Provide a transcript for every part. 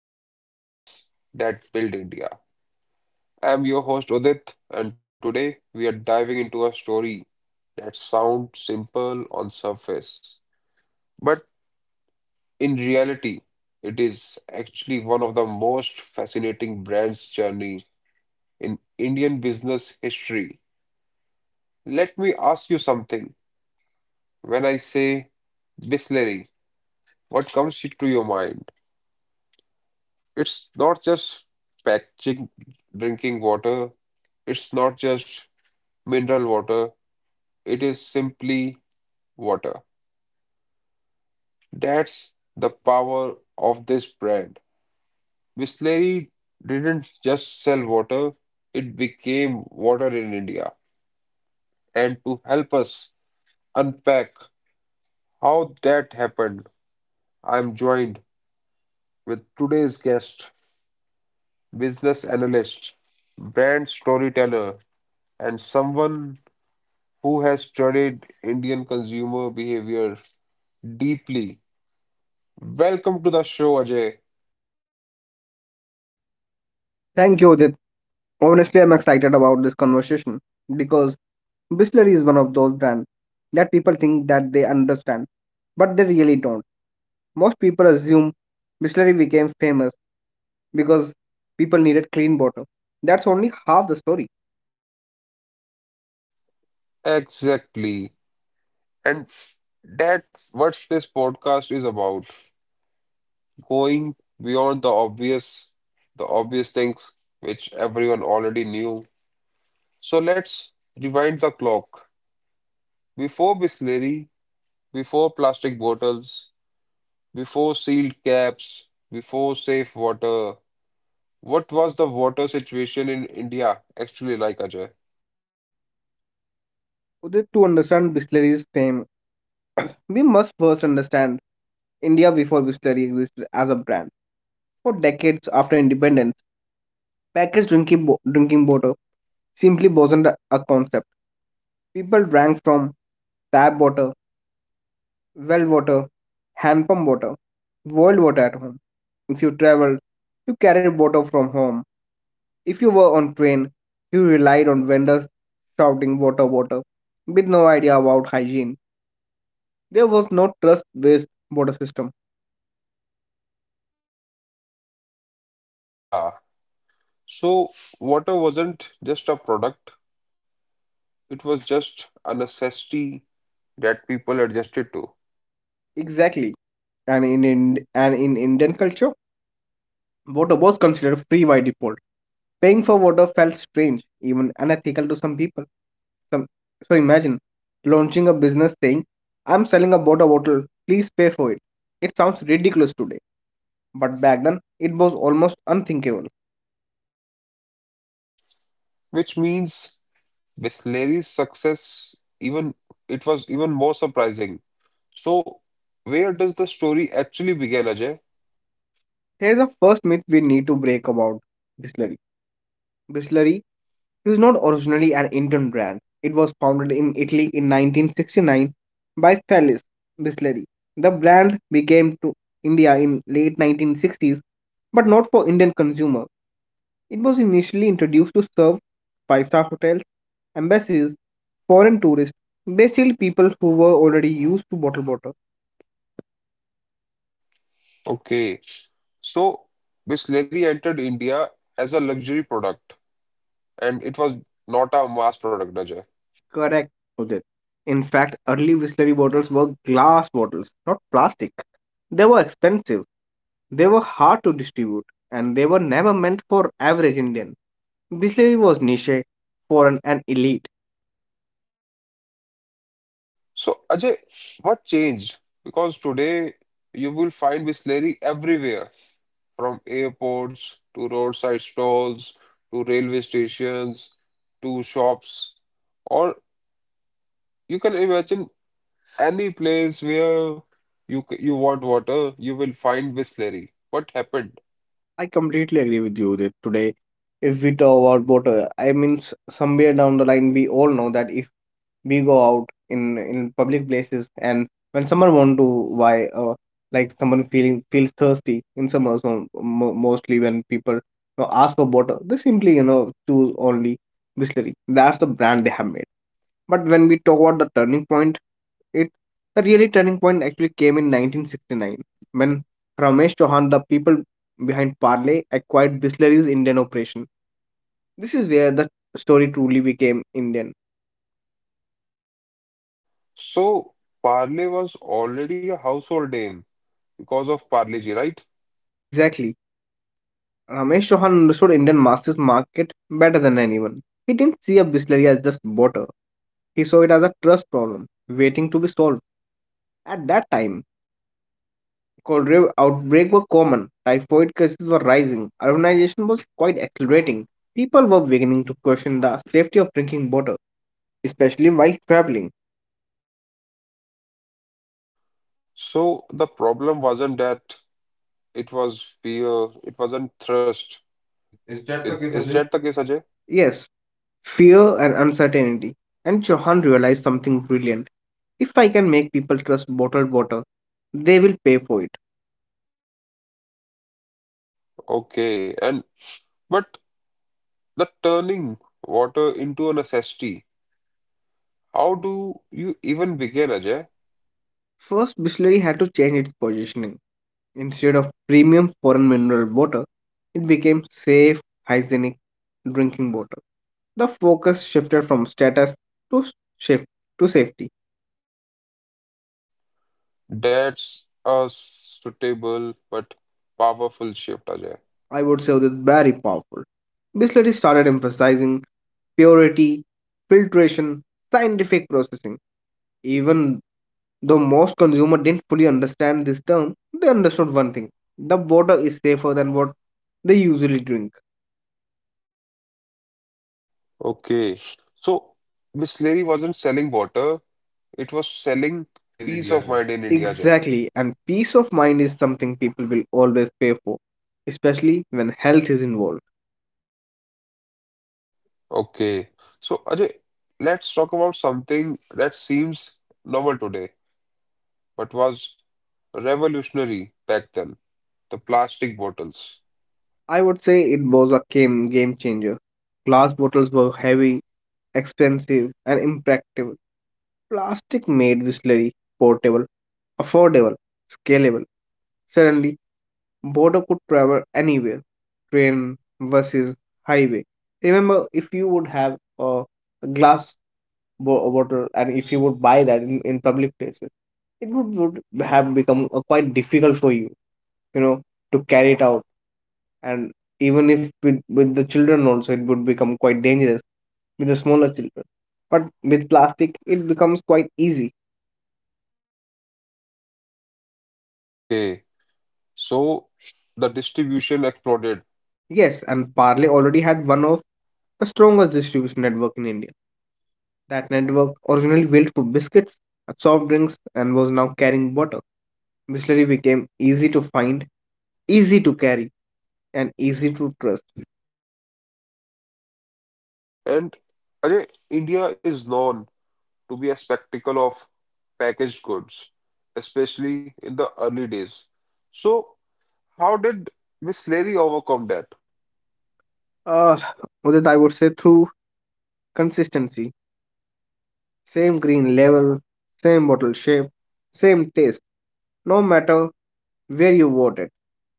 of Brands That Build India. I am your host Udit, and today we are diving into a story that sounds simple on surface, but in reality, it is actually one of the most fascinating brands journey in Indian business history. Let me ask you something. When I say Bisleri, what comes to your mind? It's not just fetching drinking water. It's not just mineral water. It is simply water. That's the power of this brand. Bisleri didn't just sell water, it became water in India. And to help us unpack how that happened, I'm joined with today's guest, business analyst, brand storyteller, and someone who has studied Indian consumer behavior deeply. Welcome to the show, Ajay. Thank you, Udit. Honestly, I'm excited about this conversation because Bisleri is one of those brands that people think that they understand, but they really don't. Most people assume Bisleri became famous because people needed clean water. That's only half the story. Exactly. And that's what this podcast is about. Going beyond the obvious things which everyone already knew. So let's rewind the clock. Before Bisleri, before plastic bottles, before sealed caps, before safe water, what was the water situation in India actually like, Ajay? Udit, to understand Bisleri's fame, we must first understand India before Bisleri existed as a brand. For decades after independence, drinking water simply wasn't a concept. People drank from tap water, well water, hand pump water, boiled water at home. If you traveled, you carried water from home. If you were on train, you relied on vendors shouting water, water, with no idea about hygiene. There was no trust-based water system. Yeah. So water wasn't just a product, it was just a necessity that people adjusted to, Exactly. And in Indian culture, water was considered free by default. Paying for water felt strange, even unethical to some people. Some, so imagine launching a business saying, I'm selling a water bottle, please pay for it. It sounds ridiculous today, but back then it was almost unthinkable. which means Bisleri's success even it was even more surprising. So where does the story actually begin, Ajay? Here's the first myth we need to break about Bisleri. Bisleri is not originally an Indian brand. It was founded in Italy in 1969 by Felice Bisleri. The brand became to India in late 1960s, but not for Indian consumer. It was initially introduced to serve five-star hotels, embassies, foreign tourists, basically people who were already used to bottled water. Okay. So Bisleri entered India as a luxury product and it was not a mass product, Ajay. Correct, Udit. In fact, early whistlery bottles were glass bottles, not plastic. They were expensive, they were hard to distribute, and they were never meant for average Indian. Whistlery was niche, foreign, and elite. So, Ajay, what changed? Because today you will find Bisleri everywhere, from airports to roadside stalls to railway stations to shops, or you can imagine any place where you want water, you will find Bisleri. What happened? I completely agree with you that today, if we talk about water, I mean, somewhere down the line, we all know that if we go out in public places and when someone want to buy like someone feeling feels thirsty in summers mostly when people, ask for water, they simply, choose only Bisleri. That's the brand they have made. But when we talk about the turning point, it the really turning point actually came in 1969 when Ramesh Chauhan, the people behind Parley, acquired Bisleri's Indian operation. This is where the story truly became Indian. So, Parle was already a household name because of Parle-ji, right? Exactly. Ramesh Chauhan understood Indian masters market better than anyone. He didn't see a Bisleri as just water. He saw it as a trust problem waiting to be solved. At that time, cholera outbreaks were common, typhoid cases were rising, urbanization was quite accelerating. People were beginning to question the safety of drinking water, especially while traveling. So the problem wasn't that it was fear, it wasn't thirst. Is Okay, is Sanjay. that the case, Ajay? Yes, fear and uncertainty. And Chauhan realized something brilliant. If I can make people trust bottled water, they will pay for it. Okay, and but the turning water into a necessity, how do you even begin, Ajay? First, Bisleri had to change its positioning. Instead of premium foreign mineral water, it became safe, hygienic drinking water. The focus shifted from status to shift to safety. That's a suitable but powerful shift, Ajay. I would say that's very powerful. Bisleri started emphasizing purity, filtration, scientific processing. Even though most consumers didn't fully understand this term, they understood one thing: the water is safer than what they usually drink. Okay, so Miss Leary wasn't selling water, it was selling peace of mind in India, Ajay. Exactly, and peace of mind is something people will always pay for, especially when health is involved. Okay, so Ajay, let's talk about something that seems novel today, but was revolutionary back then, the plastic bottles. I would say it was a game changer. Glass bottles were heavy, expensive, and impractical. Plastic made whistlery portable, affordable, scalable. Suddenly, water could travel anywhere, train versus highway. Remember, if you would have a glass bottle and if you would buy that in public places, it would have become quite difficult for you, you know to carry it out. And even if with the children also, it would become quite dangerous with the smaller children. But with plastic, it becomes quite easy. Okay, so the distribution exploded, Yes, and Parle already had one of the strongest distribution network in india. That network originally built for biscuits, soft drinks, and was now carrying water. Bisleri became easy to find, easy to carry, and easy to trust. and Ajay, India is known to be a spectacle of packaged goods, especially in the early days. So, how did Miss Leary overcome that? uh, Udit, I would say through consistency. Same green label, same bottle shape, same taste, no matter where you bought it.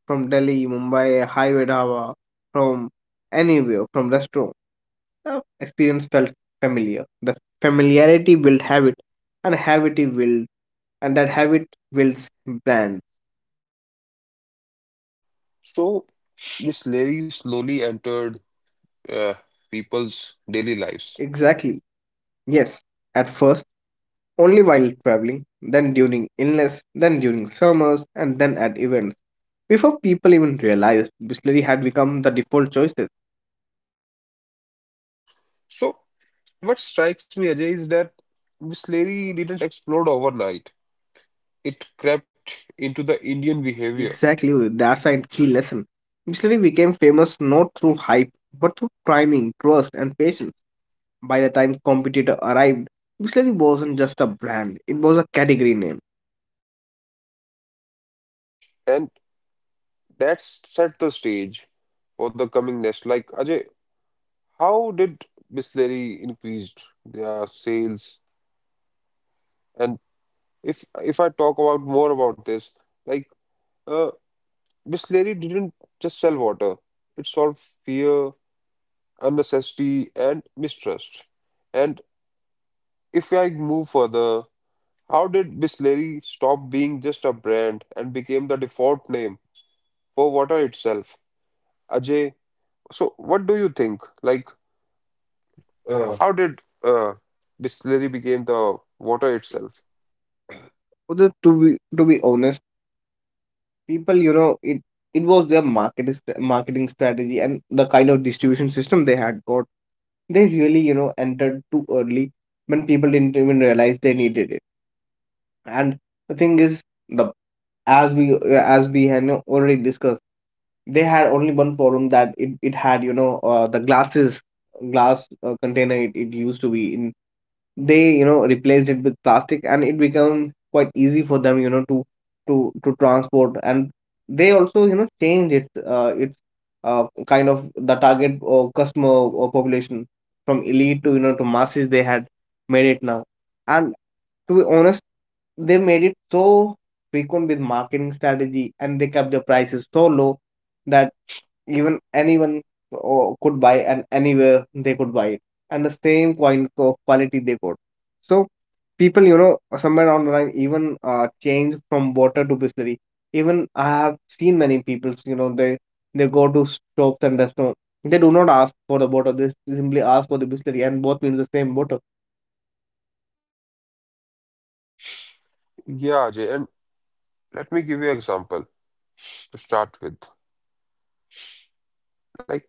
From Delhi, Mumbai, Highway Dhaba, from anywhere, from restaurant. The experience felt familiar. The familiarity built habit, and habit build, and that habit builds brand. So, Miss Leary slowly entered uh, people's daily lives. Exactly. Yes. At first, only while traveling, then during illness, then during summers, and then at events. Before people even realized, distillery had become the default choice. So, what strikes me, Ajay, is that Miss Leary didn't explode overnight. It crept into the Indian behavior. Exactly, that's a key lesson. Missionary became famous not through hype, but through timing, trust, and patience. By the time competitor arrived, Missionary wasn't just a brand; it was a category name. And. That's set the stage for the coming next. Like Ajay, how did Bisleri increased their sales? And if I talk about more about this, like uh, Bisleri didn't just sell water; it solved fear, unnecessity, and mistrust. And if I move further, how did Bisleri stop being just a brand and became the default name for water itself? Ajay, so what do you think? Uh, How did distillery became the water itself? Although, to be honest, people, it was their marketing strategy and the kind of distribution system they had got. They really, you know, entered too early when people didn't even realize they needed it. And the thing is, the as we had, you know, already discussed, they had only one problem, that it had, you know, the glass container it used to be in. They, you know, replaced it with plastic and it became quite easy for them, you know, to transport. And they also, you know, change its kind of the target or customer or population from elite to, you know, to masses they had made it now. And to be honest, they made it so frequent with marketing strategy, and they kept the prices so low that even anyone could buy, and anywhere they could buy it, and the same quality they got. So people, you know, somewhere down the line even, change from water to distillery. Even I have seen many people, you know, they go to shops and restaurants. They do not ask for the water. They simply ask for the distillery, and both means the same water. Yeah, Ajay, and let me give you an example to start with. Like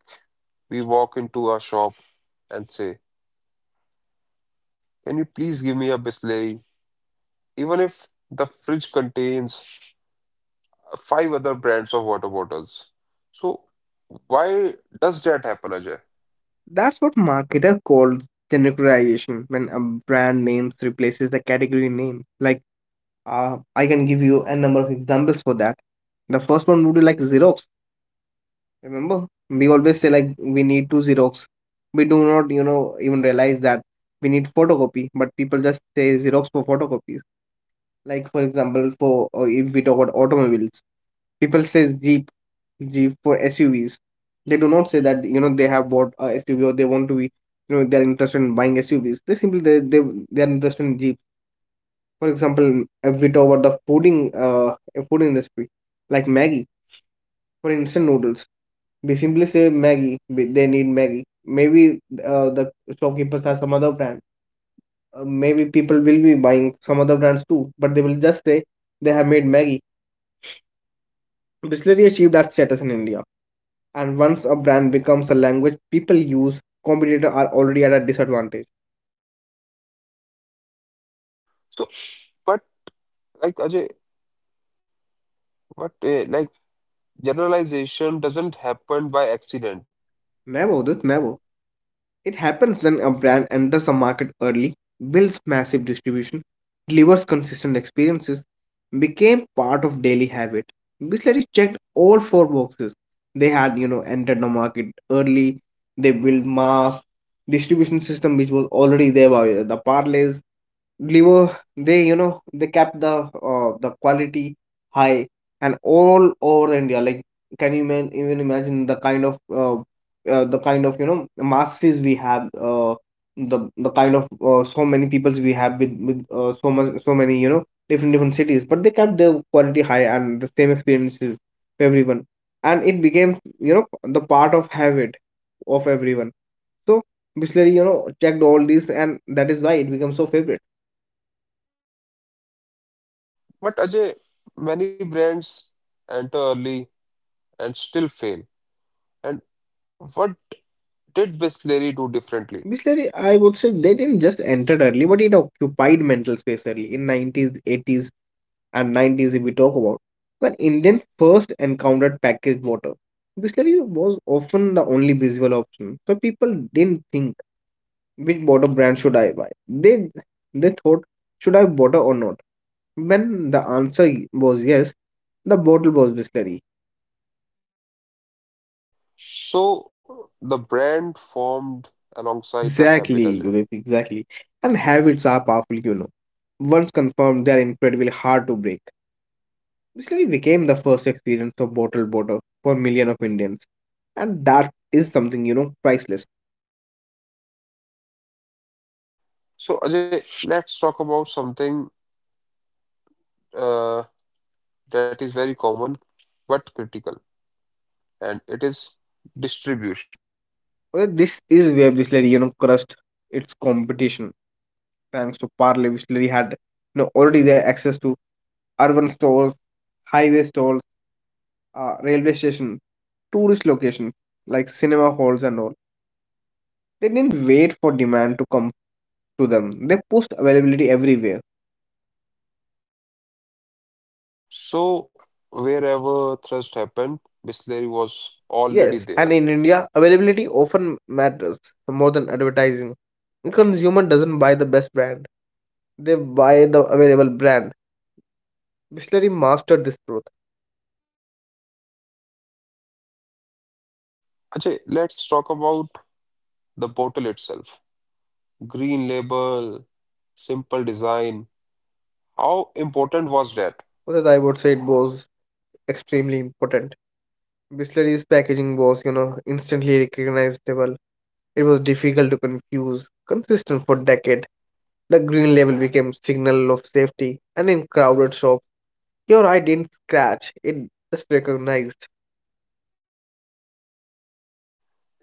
we walk into a shop and say, "Can you please give me a Bisleri?" Even if the fridge contains five other brands of water bottles. So why does that happen, Ajay? That's what marketer called genericization, when a brand name replaces the category name. Like, I can give you a number of examples for that. The first one would be like Xerox. Remember, we always say like we need two Xerox. We do not, you know, even realize that we need photocopy, but people just say Xerox for photocopies. Like for example, for if we talk about automobiles, people say Jeep for SUVs. They do not say that, you know, they have bought a SUV or they want to be, you know, they're interested in buying SUVs. They simply, they're interested in Jeep. For example, if we talk about the food industry, like Maggie for instant noodles, they simply say Maggie. They need Maggie. Maybe, the shopkeepers have some other brand. Maybe people will be buying some other brands too, but they will just say they have made Maggie. Bisleri achieved that status in India. And once a brand becomes a language people use, competitors are already at a disadvantage. So, but like Ajay, but like generalization doesn't happen by accident. Never, this never. It happens when a brand enters a market early, builds massive distribution, delivers consistent experiences, became part of daily habit. Bisleri checked all four boxes. They had, you know, entered the market early, they built mass, distribution system which was already there by the parlays, liver they, you know, they kept the quality high and all over india. Like, can you man, even imagine the kind of the kind of, you know, masters we have, the kind of, so many peoples we have with so much so many, you know, different different cities, but they kept the quality high and the same experiences for everyone. And it became, you know, the part of habit of everyone. So Bisleri, you know, checked all these, and that is why it becomes so favorite. But Ajay, many brands enter early and still fail. And what did Bisleri do differently? Bisleri, I would say they didn't just enter early, but it occupied mental space early in 90s, 80s, and 90s if we talk about. When Indian first encountered packaged water, Bisleri was often the only visual option. So people didn't think which water brand should I buy. They thought should I water or not. When the answer was yes, the bottle was Bisleri. So the brand formed alongside the habit, Exactly, Ajay. Udit, exactly. And habits are powerful, you know. Once confirmed, they are incredibly hard to break. Basically became the first experience of bottled water for million of Indians. And that is something, you know, priceless. So Ajay, let's talk about something uh, that is very common but critical, and it is distribution. Well, this is where Bisleri, you know, crushed its competition. Thanks to Parle, Bisleri had, you know, already their access to urban stores, highway stores, railway station, tourist locations like cinema halls and all. They didn't wait for demand to come to them. They pushed availability everywhere. So wherever thrust happened, Bisleri was already Yes, and there. in India, availability often matters more than advertising. The consumer doesn't buy the best brand, they buy the available brand. Bisleri mastered this truth. Ajay, let's talk about the bottle itself. Green label, simple design. How important was that? For that, I would say it was extremely important. Bisleri's packaging was, you know, instantly recognizable. It was difficult to confuse, consistent for decade. The green label became signal of safety, and in crowded shops, your eye didn't scratch; it just recognized.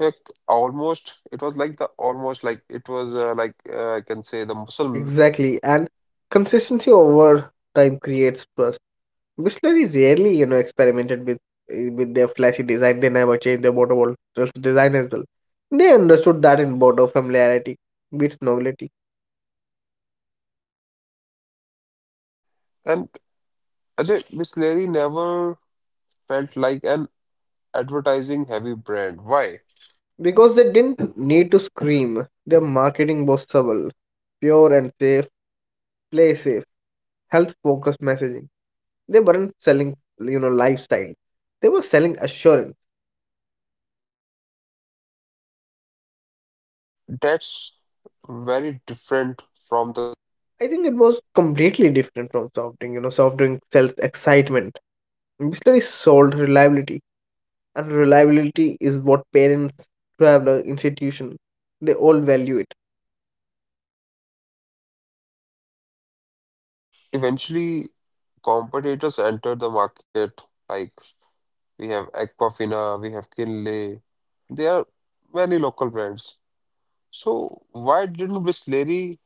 Like almost, it was like the almost like it was I can say the muscle memory. Exactly, and consistency over time creates trust. Bisleri rarely, you know, experimented with with their flashy design. They never changed their bottle wall design as well. They understood that in bottle familiarity beats novelty. And Ajay, Miss Larry never felt like an advertising heavy brand. Why? Because they didn't need to scream. Their marketing was subtle, pure and safe, play safe, health focused messaging. They weren't selling, you know, lifestyle. They were selling assurance. And that's very different from the soft I think drinks. it was completely different from soft drink. You know, soft drink sells excitement. Distillery sold reliability, and reliability is what parents, traveler, institution, they all value it. And eventually, competitors entered the market. Like we have Aquafina, we have Kinley. There are many local brands. So why didn't Miss Larry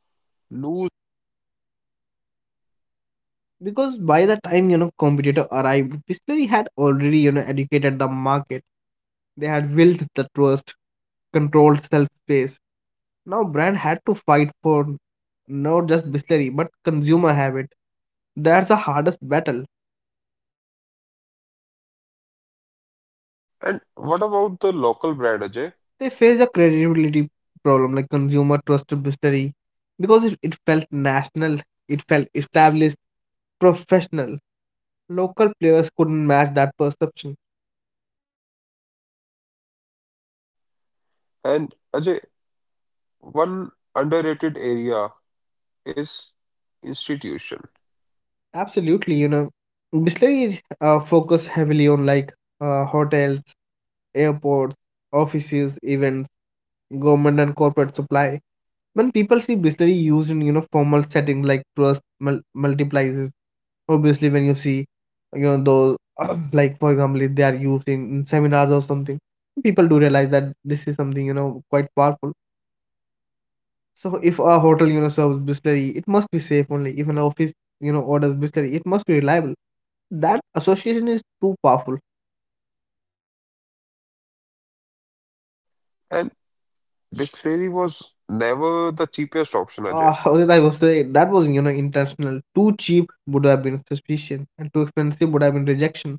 lose its crown? Because by the time, you know, competitor arrived, distillery had already, you know, educated the market. They had built the trust, controlled self space. Now brand had to fight for not just distillery but consumer habit. That's the hardest battle. And what about the local brand, Ajay? They face a credibility problem, like consumer trust mystery, because it felt national, it felt established, professional. Local players couldn't match that perception. And Ajay, one underrated area is institution. Absolutely, you know, Bisleri, focus heavily on like hotels, airports, offices, events, government and corporate supply. When people see Bisleri used in, you know, formal settings, like trust multiplies. Obviously, when you see, you know, those like for example, if they are used in seminars or something, people do realize that this is something, you know, quite powerful. So if a hotel, you know, serves Bisleri, it must be safe only. If an office, you know, orders Bisleri, it must be reliable. That association is too powerful. And distillery was never the cheapest option, Ajay. How did I was say that was, you know, intentional. Too cheap would have been suspicion, and too expensive would have been rejection.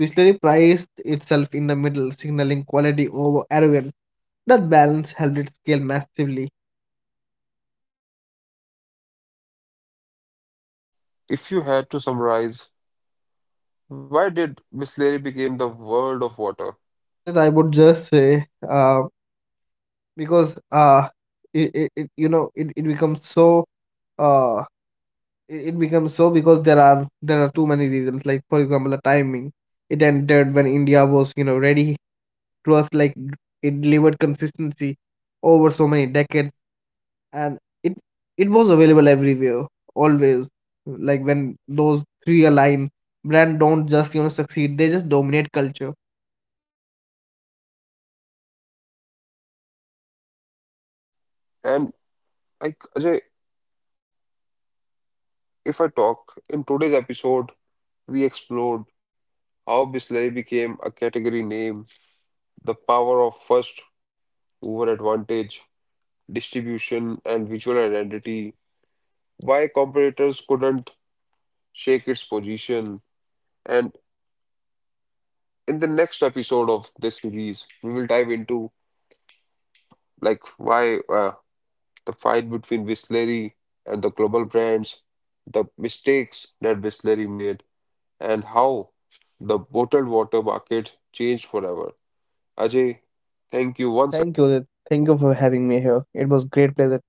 Whistlery priced itself in the middle, signaling quality over arrogance. That balance helped it scale massively. So, if you had to summarize, why did Bisleri became the world of water? That I would just say, because, it, you know, it becomes so uh it becomes so because there are too many reasons. Like for example, the timing. It entered when India was, you know, ready. It was like it delivered consistency over so many decades. And it it was available everywhere, always. Like when those three align, brand don't just, you know, succeed, they just dominate culture. Okay. And like Ajay, if I talk in today's episode, we explored how Bisleri became a category name, the power of first mover advantage distribution, and visual identity, why competitors couldn't shake its position. And in the next episode of this series, we will dive into like why the fight between Bisleri and the global brands, the mistakes that Bisleri made, and how the bottled water market changed forever. Ajay, thank you once Thank you, again. Udit. Thank you for having me here. It was great pleasure.